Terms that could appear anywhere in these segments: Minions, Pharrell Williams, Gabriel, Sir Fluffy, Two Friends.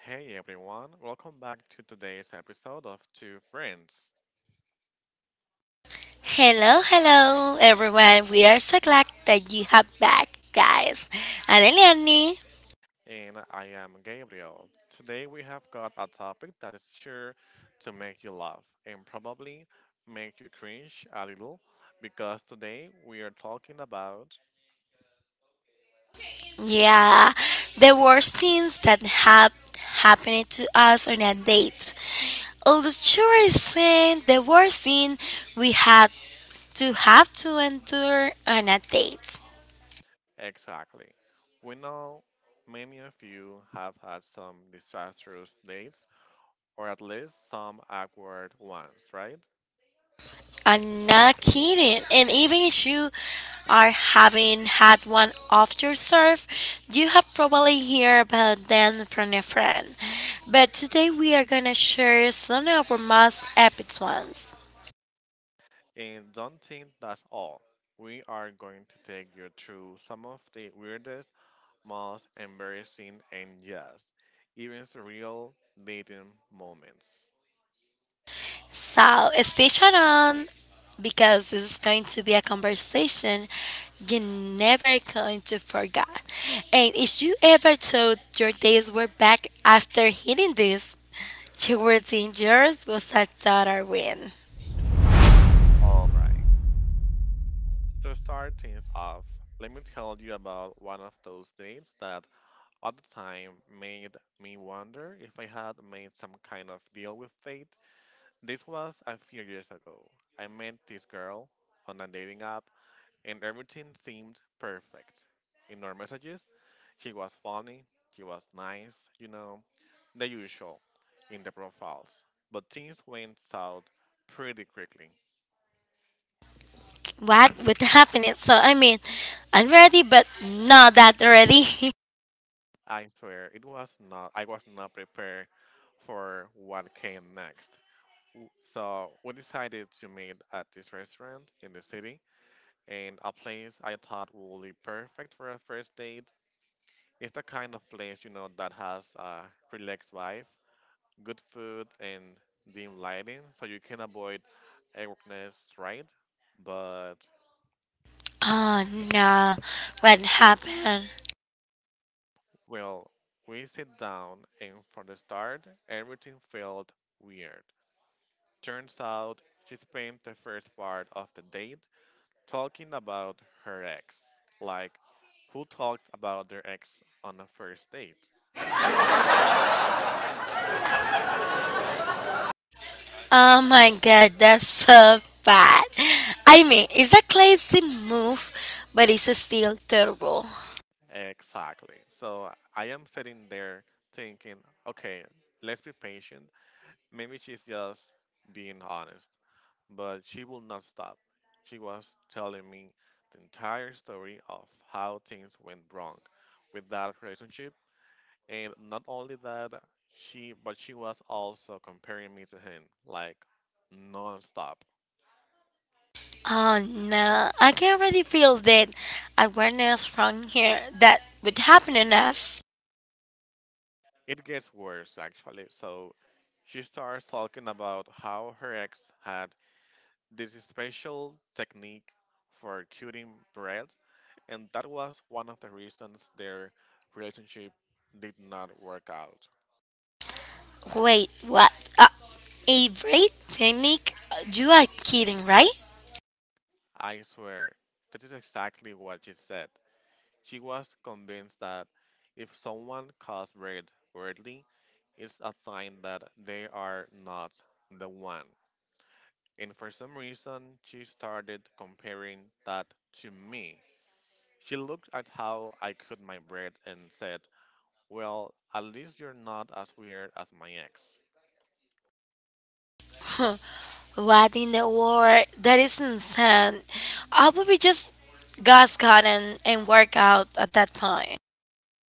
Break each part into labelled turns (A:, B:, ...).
A: Hey everyone, welcome back to today's episode of Two Friends.
B: Hello, hello, everyone. We are so glad that you have back, guys. And Eliani,
A: And I am Gabriel. Today we have got a topic that is sure to make you laugh and probably make you cringe a little because today we are talking about.
B: yeah, the worst things that have happened to us on a date. Although sure is saying the worst thing we had to have to endure on a date.
A: Exactly. We know many of you have had some disastrous dates or at least some awkward ones, right?
B: I'm not kidding. And even if you are having had one off your serve, you have probably heard about them from a friend. But today we are gonna share some of our most epic ones.
A: And don't think that's all. We are going to take you through some of the weirdest, most embarrassing, and yes, even surreal dating moments.
B: So stay tuned on because this is going to be a conversation you're never going to forget. And if you ever thought your days were back after hitting this, you were think yours was a total win.
A: All right. To start things off, let me tell you about one of those dates that at the time made me wonder if I had made some kind of deal with fate. This was a few years ago. I met this girl on a dating app and everything seemed perfect. In our messages, she was funny, she was nice, you know, the usual in the profiles. But things went south pretty quickly.
B: What would happen it? So I mean, I'm ready but not that ready.
A: I swear, it was not. I was not prepared for what came next. So we decided to meet at this restaurant in the city, and a place I thought would be perfect for a first date. It's the kind of place you know that has a relaxed vibe, good food, and dim lighting, so you can avoid awkwardness, right? But
B: Oh no, what happened?
A: well, we sit down, and from the start, everything felt weird. Turns out she spent the first part of the date talking about her ex. Like, who talked about their ex on the first date?
B: Oh my god, that's so bad. I mean, it's a classy move, but it's still terrible.
A: Exactly. So I am sitting there thinking, okay, let's be patient. Maybe she's just being honest. But she will not stop. She was telling me the entire story of how things went wrong with that relationship. And not only that, she but she was also comparing me to him like non-stop.
B: Oh no, I can already feel that awareness from here that would happen in us.
A: It gets worse actually. So she starts talking about how her ex had this special technique for cutting bread, and that was one of the reasons their relationship did not work out.
B: Wait, what? uh, a break technique? You are kidding, right?
A: I swear, that is exactly what she said. She was convinced that if someone calls red weirdly, it's a sign that they are not the one. And for some reason, she started comparing that to me. She looked at how I cut my bread and said, "Well, at least you're not as weird as my ex."
B: What in the world? That is insane. I would be just gas cut and work out at that point.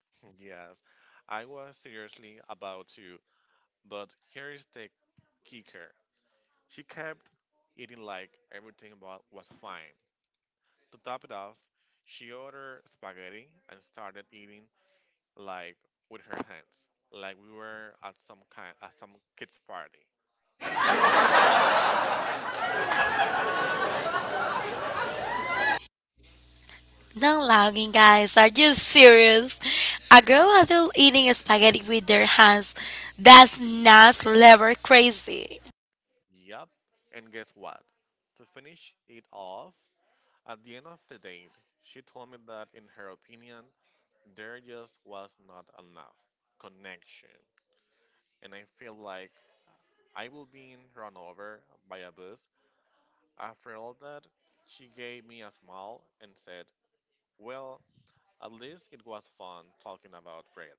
A: Yes, I was seriously about to, but here is the kicker. She kept eating like everything was fine. To top it off, she ordered spaghetti and started eating like with her hands, like we were at some kind at some kids party.
B: Not logging, guys. Are you serious? A girl was still eating spaghetti with their hands. That's not level crazy.
A: Yup. And guess what? To finish it off, at the end of the date, she told me that in her opinion, there just was not enough connection. And I feel like I will be run over by a bus. After all that, she gave me a smile and said, "Well, at least it was fun talking about Red."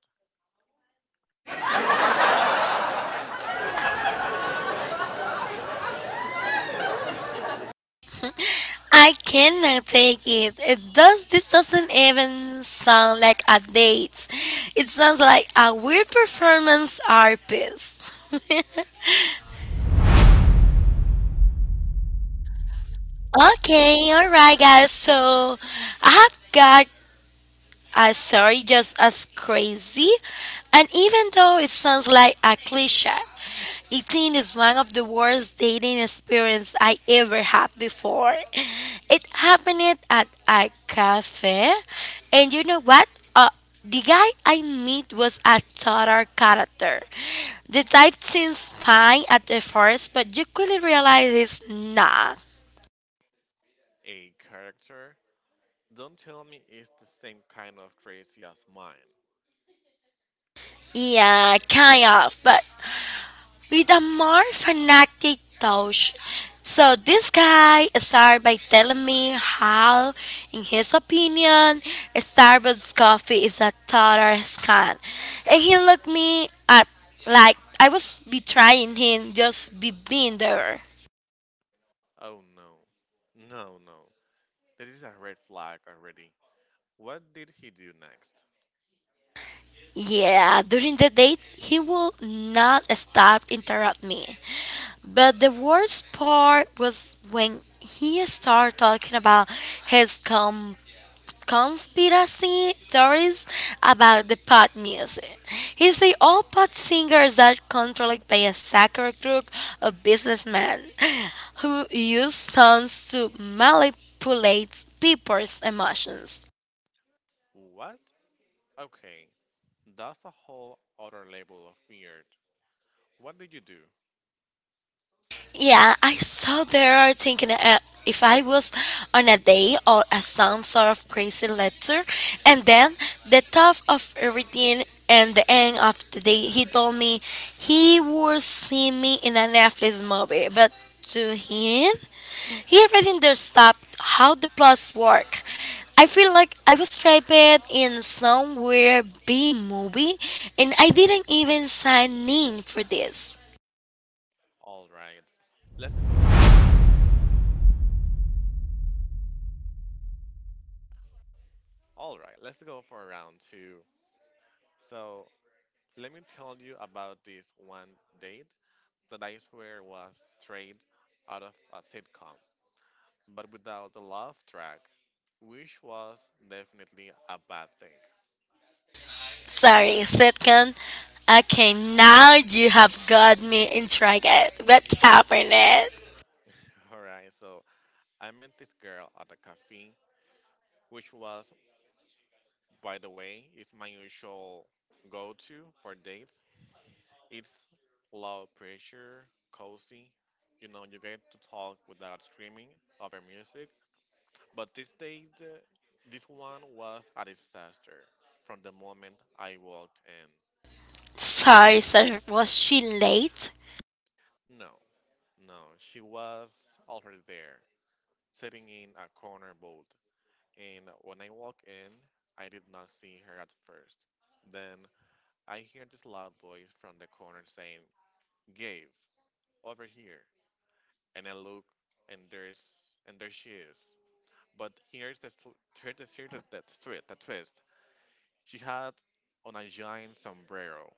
B: I cannot take it. It does. This doesn't even sound like a date. It sounds like a weird performance art piece. Okay, all right, guys. So I have got as sorry, just as crazy. And even though it sounds like a cliche, eating is one of the worst dating experience I ever had before. It happened at a cafe, and you know what? Uh, the guy I meet was a total character. The type seems fine at the first, but you quickly realize it's not.
A: A character? Don't tell me it's the same kind of crazy as mine.
B: Yeah, kind of, but with a more fanatic touch. So this guy started by telling me how, in his opinion, Starbucks coffee is a total scam, and he looked me up like I was betraying him just be being there.
A: Oh no. No, no. This is a red flag already. What did he do next?
B: Yeah, during the date, he will not stop interrupt me. But the worst part was when he started talking about his conspiracy theories about the pop music. He said all pop singers are controlled by a sacred group of businessmen who use songs to manipulate people's emotions.
A: What? Okay, that's a whole other level of weird. What did you do?
B: Yeah, I saw there thinking if I was on a day or a some sort of crazy lecture, and then the top of everything and the end of the day, he told me he would see me in a Netflix movie, but to him, he already understood how the plots work. I feel like I was trapped in some weird B movie, and I didn't even sign in for this.
A: Alright. Let's go for. Alright, let's go for round two. So, let me tell you about this one date that I swear was straight out of a sitcom, but without the love track, which was definitely a bad thing.
B: Sorry, sitcom. Okay, now you have got me intrigued. What happened?
A: Alright, so I met this girl at a cafe, which was, by the way, is my usual go to for dates. It's low pressure, cozy. You know, you get to talk without screaming over music. But this day, this one was a disaster from the moment I walked in.
B: Sorry, sir. Was she late?
A: No, no, she was already there, sitting in a corner booth. And when I walked in, I did not see her at first. Then I hear this loud voice from the corner saying, "Gabe, over here." And I look, and there she is. But here's the tw- here's the twist. The twist. She had on a giant sombrero.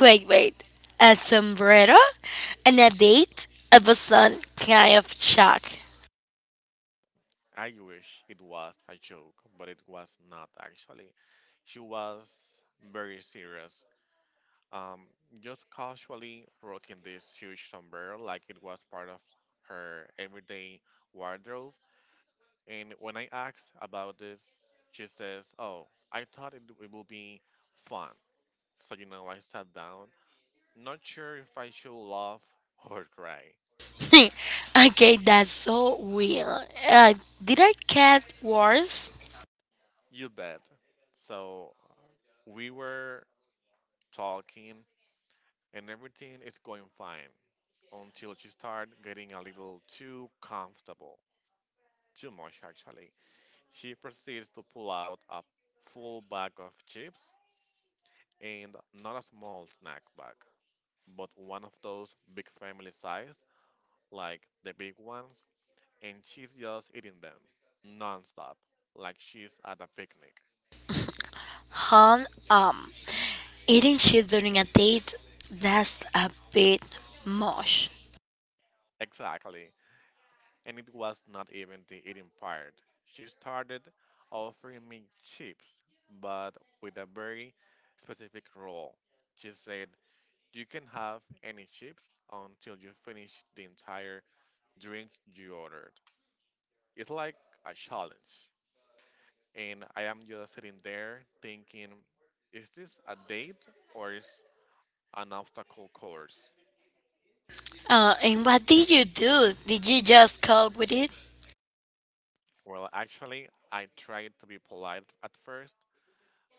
B: Wait, wait. A sombrero? And a date? I was on kind of shock.
A: I wish it was a joke, but it was not actually. She was very serious, um, just casually rocking this huge sombrero like it was part of her everyday wardrobe. And when I asked about this, she says, "Oh, I thought it would be fun." So, you know, I sat down, not sure if I should laugh or cry.
B: Okay, that's so weird. Did I get worse?
A: You bet. So, we were talking and everything is going fine until she starts getting a little too comfortable. Too much, actually. She proceeds to pull out a full bag of chips, and not a small snack bag, but one of those big family size, like the big ones, and she's just eating them non stop, like she's at a picnic.
B: Huh? Um, Eating shit during a date? That's a bit much.
A: Exactly. And it was not even the eating part. She started offering me chips, but with a very specific rule. She said, "You can have any chips until you finish the entire drink you ordered. It's like a challenge." And I am just sitting there thinking, is this a date or is an obstacle course?
B: And what did you do? Did you just cope with it?
A: Well, actually, I tried to be polite at first.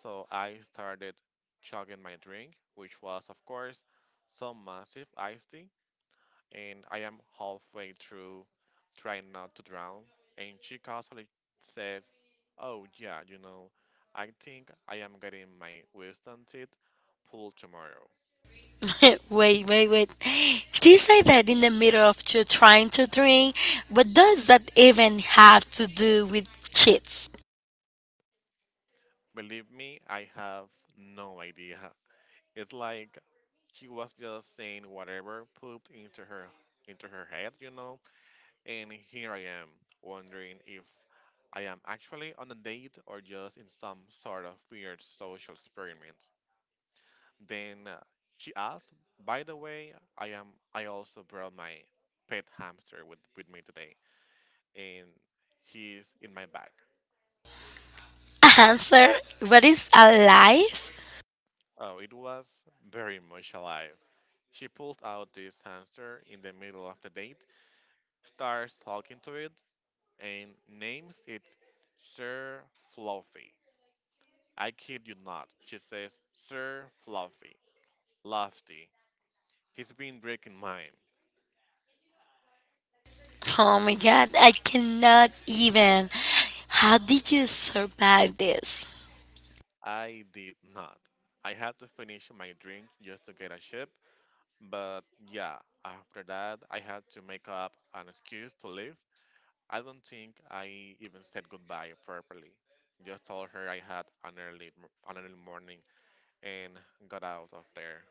A: So I started chugging my drink, which was, of course, some massive iced tea. And I am halfway through trying not to drown. And she casually says, "Oh, yeah, you know, I think I am getting my wisdom teeth pulled tomorrow."
B: Wait, wait, wait. She said that in the middle of you trying to drink, but does that even have to do with cheats?
A: Believe me, I have no idea. It's like she was just saying whatever pooped into her head, you know. And here I am, wondering if I am actually on a date or just in some sort of weird social experiment. Then she asked, "By the way, I am. I also brought my pet hamster with me today, and he's in my bag."
B: Answer, what is alive?
A: Oh, it was very much alive. She pulled out this hamster in the middle of the date, starts talking to it, and names it Sir Fluffy. I kid you not, she says, "Sir Fluffy, Lofty, he's been breaking mine."
B: Oh my god, I cannot even. How did you survive this?
A: I did not. I had to finish my drink just to get a ship, but yeah, after that, I had to make up an excuse to leave. I don't think I even said goodbye properly. Just told her I had an early morning and got out of there.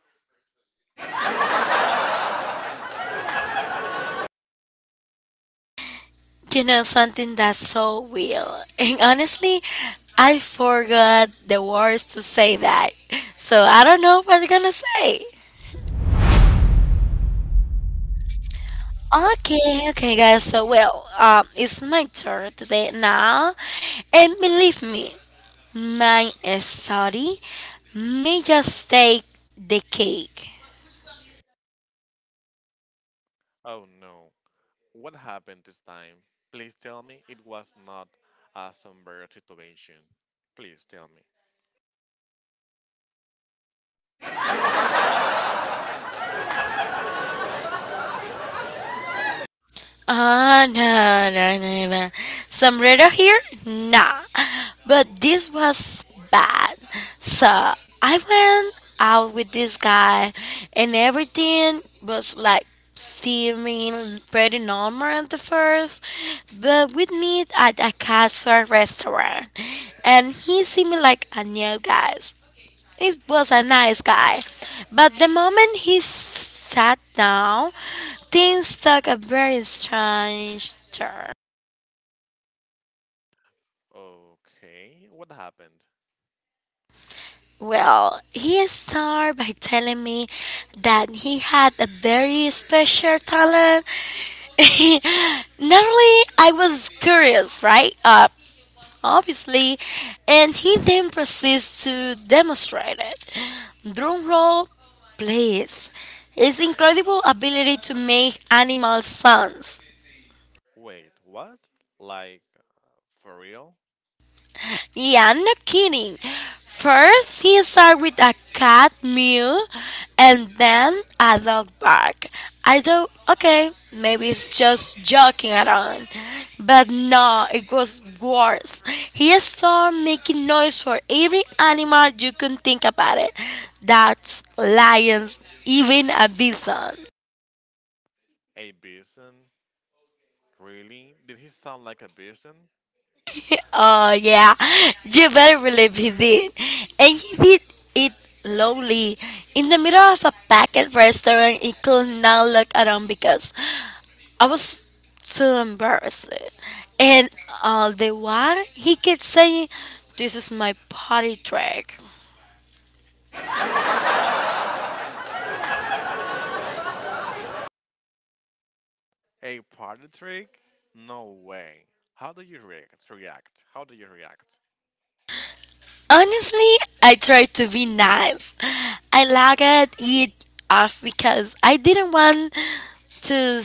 B: You know, something that's so real. And honestly, I forgot the words to say that. So I don't know what I'm gonna say. Okay, okay, guys. So, well, it's my turn today now, and believe me, my study may just take the cake.
A: Oh no, what happened this time? Please tell me it was not a somber situation. Please tell me.
B: Ah, nah, nah, nah, nah. Sombrero here? Nah. But this was bad. So I went out with this guy, and everything was like seeming pretty normal at the first. But we meet at a casual restaurant, and he seemed like a new guy, it was a nice guy. But the moment he sat down, things took a very strange turn.
A: Okay, what happened?
B: Well, he started by telling me that he had a very special talent. Naturally, I was curious, right? Obviously, and he then proceeds to demonstrate it. Drumroll, please. His incredible ability to make animal sounds.
A: Wait, what? Like, for real?
B: Yeah, I'm not kidding. First, he started with a cat mew and then a dog bark. I thought, okay, maybe it's just joking around. But no, it was worse. He started making noise for every animal you can think about it. That's lions, even a bison.
A: A bison? Really? Did he sound like a bison?
B: Oh yeah, you better believe he did, and he did it lowly in the middle of a packed restaurant. He could not look around because I was too embarrassed, and all the while he kept saying, "This is my party trick."
A: A party? A party trick? No way. How do you react? React? How do you react?
B: Honestly, I tried to be nice. I lagged it off because I didn't want to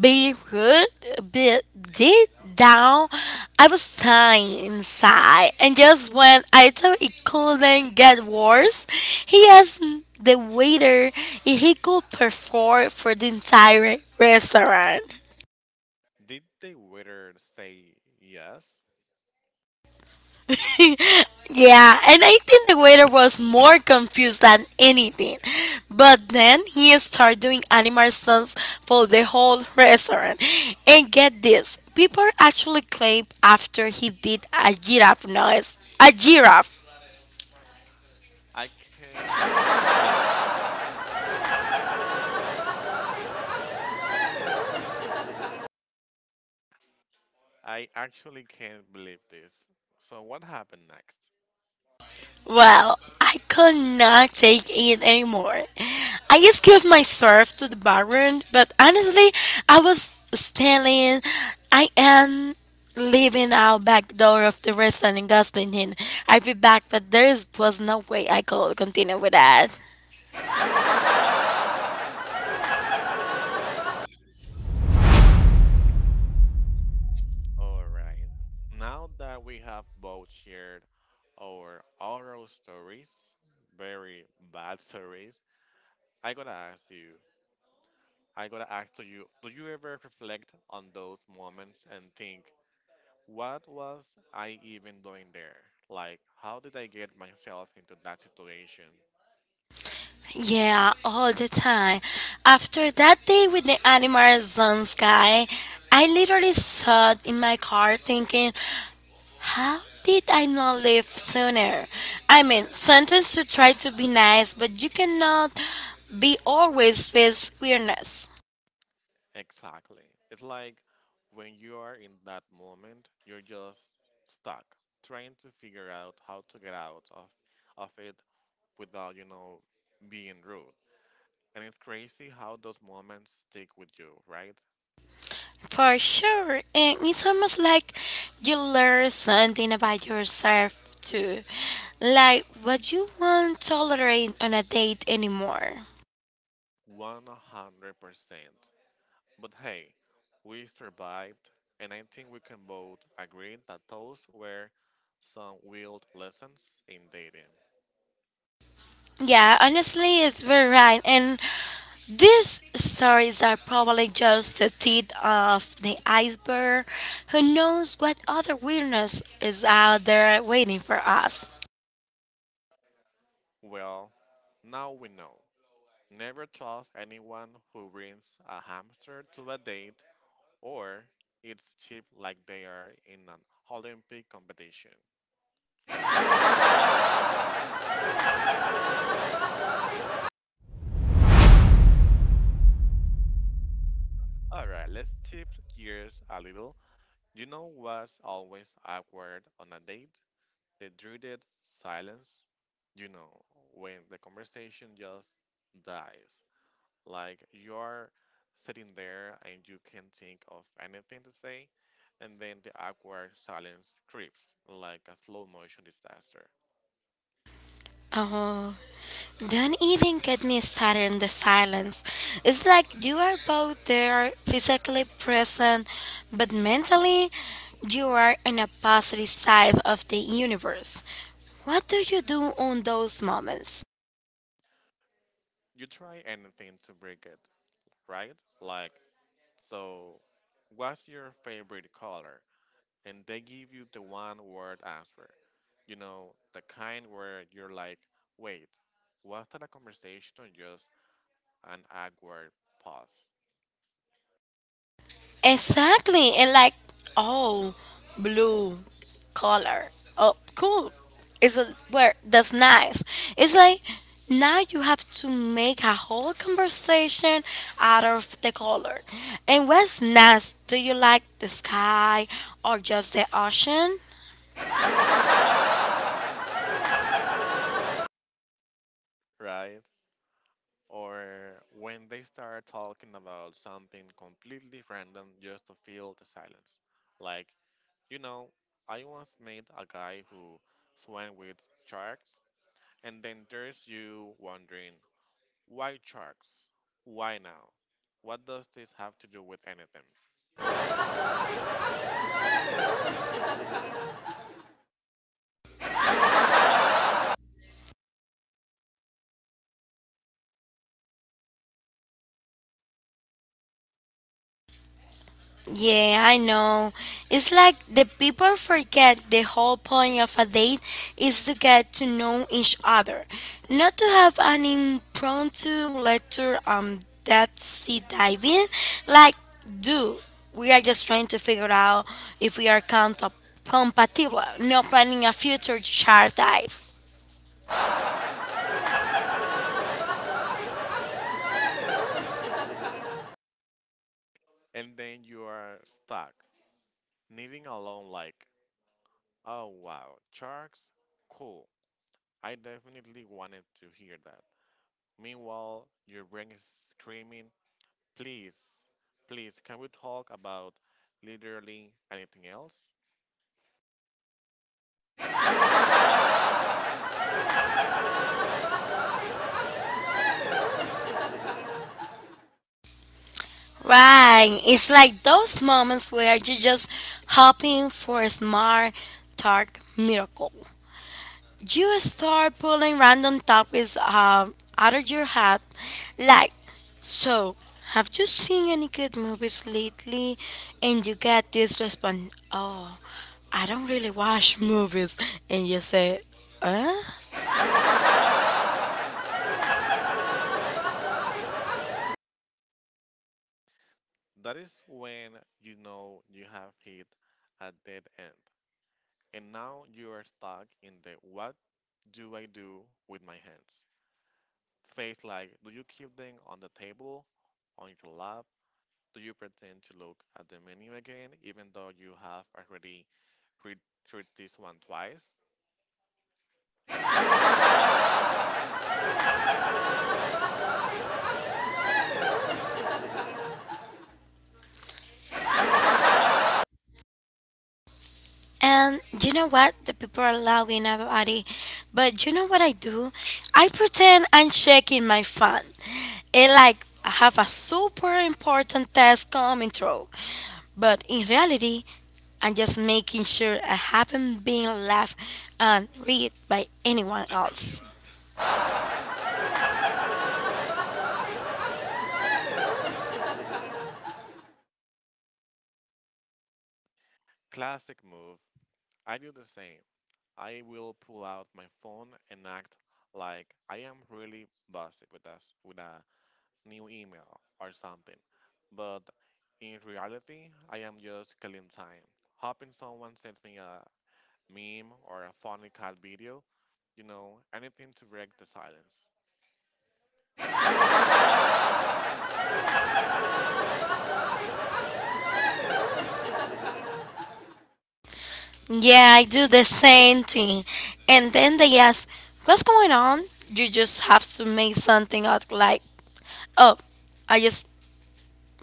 B: be rude, be deep down, I was dying inside. And just when I thought it couldn't get worse, he asked the waiter if he could perform for the entire restaurant.
A: Did the waiter say yes?
B: Yeah, and I think the waiter was more confused than anything. But then he started doing animal sounds for the whole restaurant. And get this, people actually clapped after he did a giraffe noise. A giraffe.
A: I can't believe this. I actually can't believe this. So, what happened next?
B: Well, I could not take it anymore. I escaped myself to the bathroom, but honestly, I was standing. I am leaving out back door of the restaurant in Gosling. I'll be back, but there is, was no way I could continue with that.
A: All right. Now that we have both shared our oral stories, very bad stories, I gotta ask you, I gotta ask to you, do you ever reflect on those moments and think, what was I even doing there? Like, how did I get myself into that situation?
B: Yeah, all the time. After that day with the animal zone sky, I literally sat in my car thinking, how did I not live sooner? I mean, sometimes to try to be nice, but you cannot be always with queerness.
A: Exactly. It's like when you are in that moment, you're just stuck, trying to figure out how to get out of it without, you know, being rude. And it's crazy how those moments stick with you, right?
B: For sure. And it's almost like you learn something about yourself too, like what you won't tolerate on a date anymore.
A: 100%. But hey, we survived, and I think we can both agree that those were some wild lessons in dating.
B: Yeah, honestly, it's very right. And these stories are probably just the tip of the iceberg. Who knows what other weirdness is out there waiting for us?
A: Well, now we know. Never trust anyone who brings a hamster to a date or eats chip like they are in an Olympic competition. Alright, let's shift gears a little. You know what's always awkward on a date? The dreaded silence. You know, when the conversation just dies. Like you're sitting there and you can't think of anything to say, and then the awkward silence creeps like a slow motion disaster.
B: Oh, don't even get me started on the silence. It's like you are both there, physically present, but mentally, you are on a opposite side of the universe. What do you do on those moments?
A: You try anything to break it, right? Like, so what's your favorite color? And they give you the one word answer. You know, the kind where you're like, wait, was that a conversation or just an awkward pause?
B: Exactly. And like, oh, blue color. Oh, cool. It's a where that's nice. It's like now you have to make a whole conversation out of the color. And what's nice? Do you like the sky or just the ocean?
A: Right? Or when they start talking about something completely random just to fill the silence. Like, you know, I once met a guy who swam with sharks, and then there's you wondering, why sharks? Why now? What does this have to do with anything?
B: Yeah, I know. It's like the people forget the whole point of a date is to get to know each other, not to have an impromptu letter on that sea diving. Like, do we are just trying to figure out if we are compatible, not planning a future shark dive.
A: And then you are stuck, needing alone, like, oh wow, sharks? Cool. I definitely wanted to hear that. Meanwhile, your brain is screaming, please, please, can we talk about literally anything else?
B: Right. It's like those moments where you're just hoping for a smart, dark miracle. You start pulling random topics out of your hat, like, so, have you seen any good movies lately? And you get this response, oh, I don't really watch movies. And you say, huh?
A: That is when you know you have hit a dead end. And now you are stuck in the what do I do with my hands? Face like, do you keep them on the table, on your lap? Do you pretend to look at the menu again, even though you have already read, read this one twice?
B: And you know what? The people are laughing about it. But you know what I do? I pretend I'm checking my phone. And like I have a super important task coming through. But in reality, I'm just making sure I haven't been laughed and read by anyone else.
A: Classic move. I do the same. I will pull out my phone and act like I am really busy with a new email or something. But in reality, I am just killing time, hoping someone sends me a meme or a funny cat video, you know, anything to break the silence.
B: Yeah, I do the same thing. And then they ask, what's going on? You just have to make something out like, oh, I just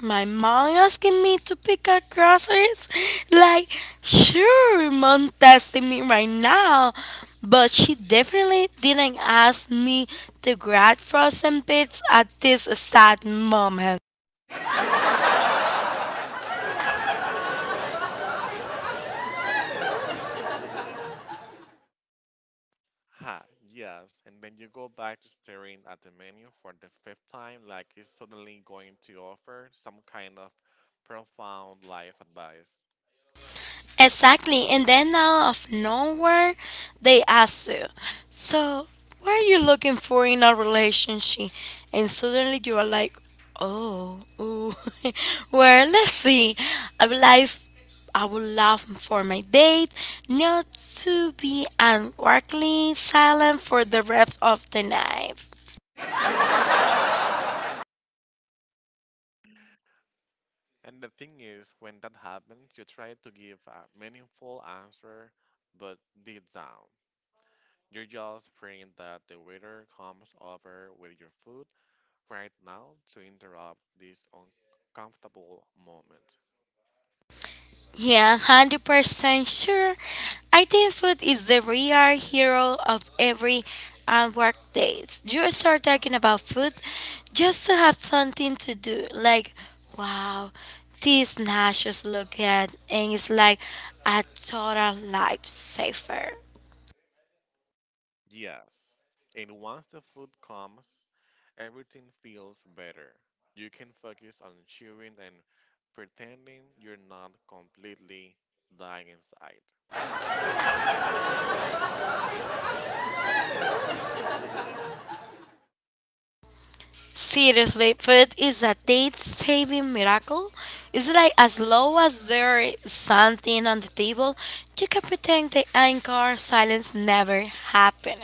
B: my mom asking me to pick up groceries? Like, sure, mom testing me right now, but she definitely didn't ask me to grab frozen bits at this sad moment.
A: Ha, yes, and then you go back to staring at the menu for the fifth time, like it's suddenly going to offer some kind of profound life advice,
B: Exactly. And then out of nowhere, they ask you, so, what are you looking for in a relationship? And suddenly you are like, oh, ooh. Well, let's see. I would like, I would love for my date not to be awkwardly silent for the rest of the night.
A: right? And the thing is, when that happens, you try to give a meaningful answer, but deep down, you're just praying that the waiter comes over with your food right now to interrupt this uncomfortable moment.
B: Yeah, 100% sure. I think food is the real hero of every work day. You start talking about food just to have something to do. Like, wow, these nachos look good. And it's like a total lifesaver.
A: Yes, and once the food comes, everything feels better. You can focus on chewing and pretending you're not completely dying inside.
B: Seriously, food is a date saving miracle. It's like as long as there is something on the table, you can pretend the anchor silence never happened.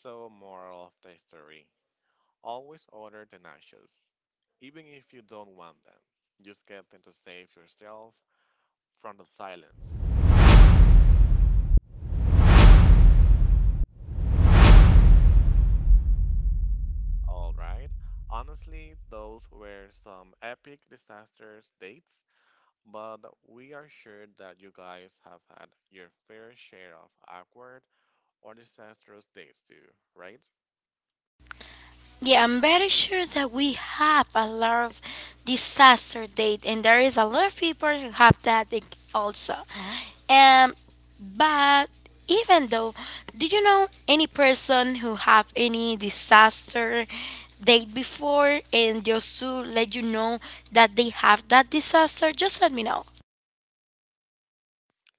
A: So, moral of the story. Always order the nachos, even if you don't want them. Just get them to save yourself from the silence. All right. Honestly, those were some epic disasters dates, but we are sure that you guys have had your fair share of awkward or disastrous dates too, right?
B: Yeah, I'm very sure that we have a lot of disaster date, and there is a lot of people who have that thing also. Um, but even though, do you know any person who have any disaster date before? And just to let you know that they have that disaster, just let me know.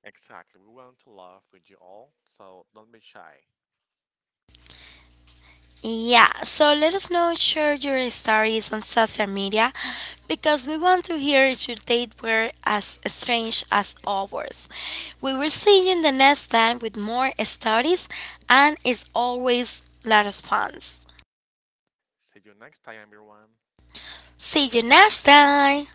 A: Exactly. We want to laugh with you all, so don't be shy.
B: Yeah, so let us know, share your stories on social media because we want to hear if your date were as strange as ours. We will see you in the next time with more stories, and it's always La Response.
A: See you next time, everyone.
B: See you next time!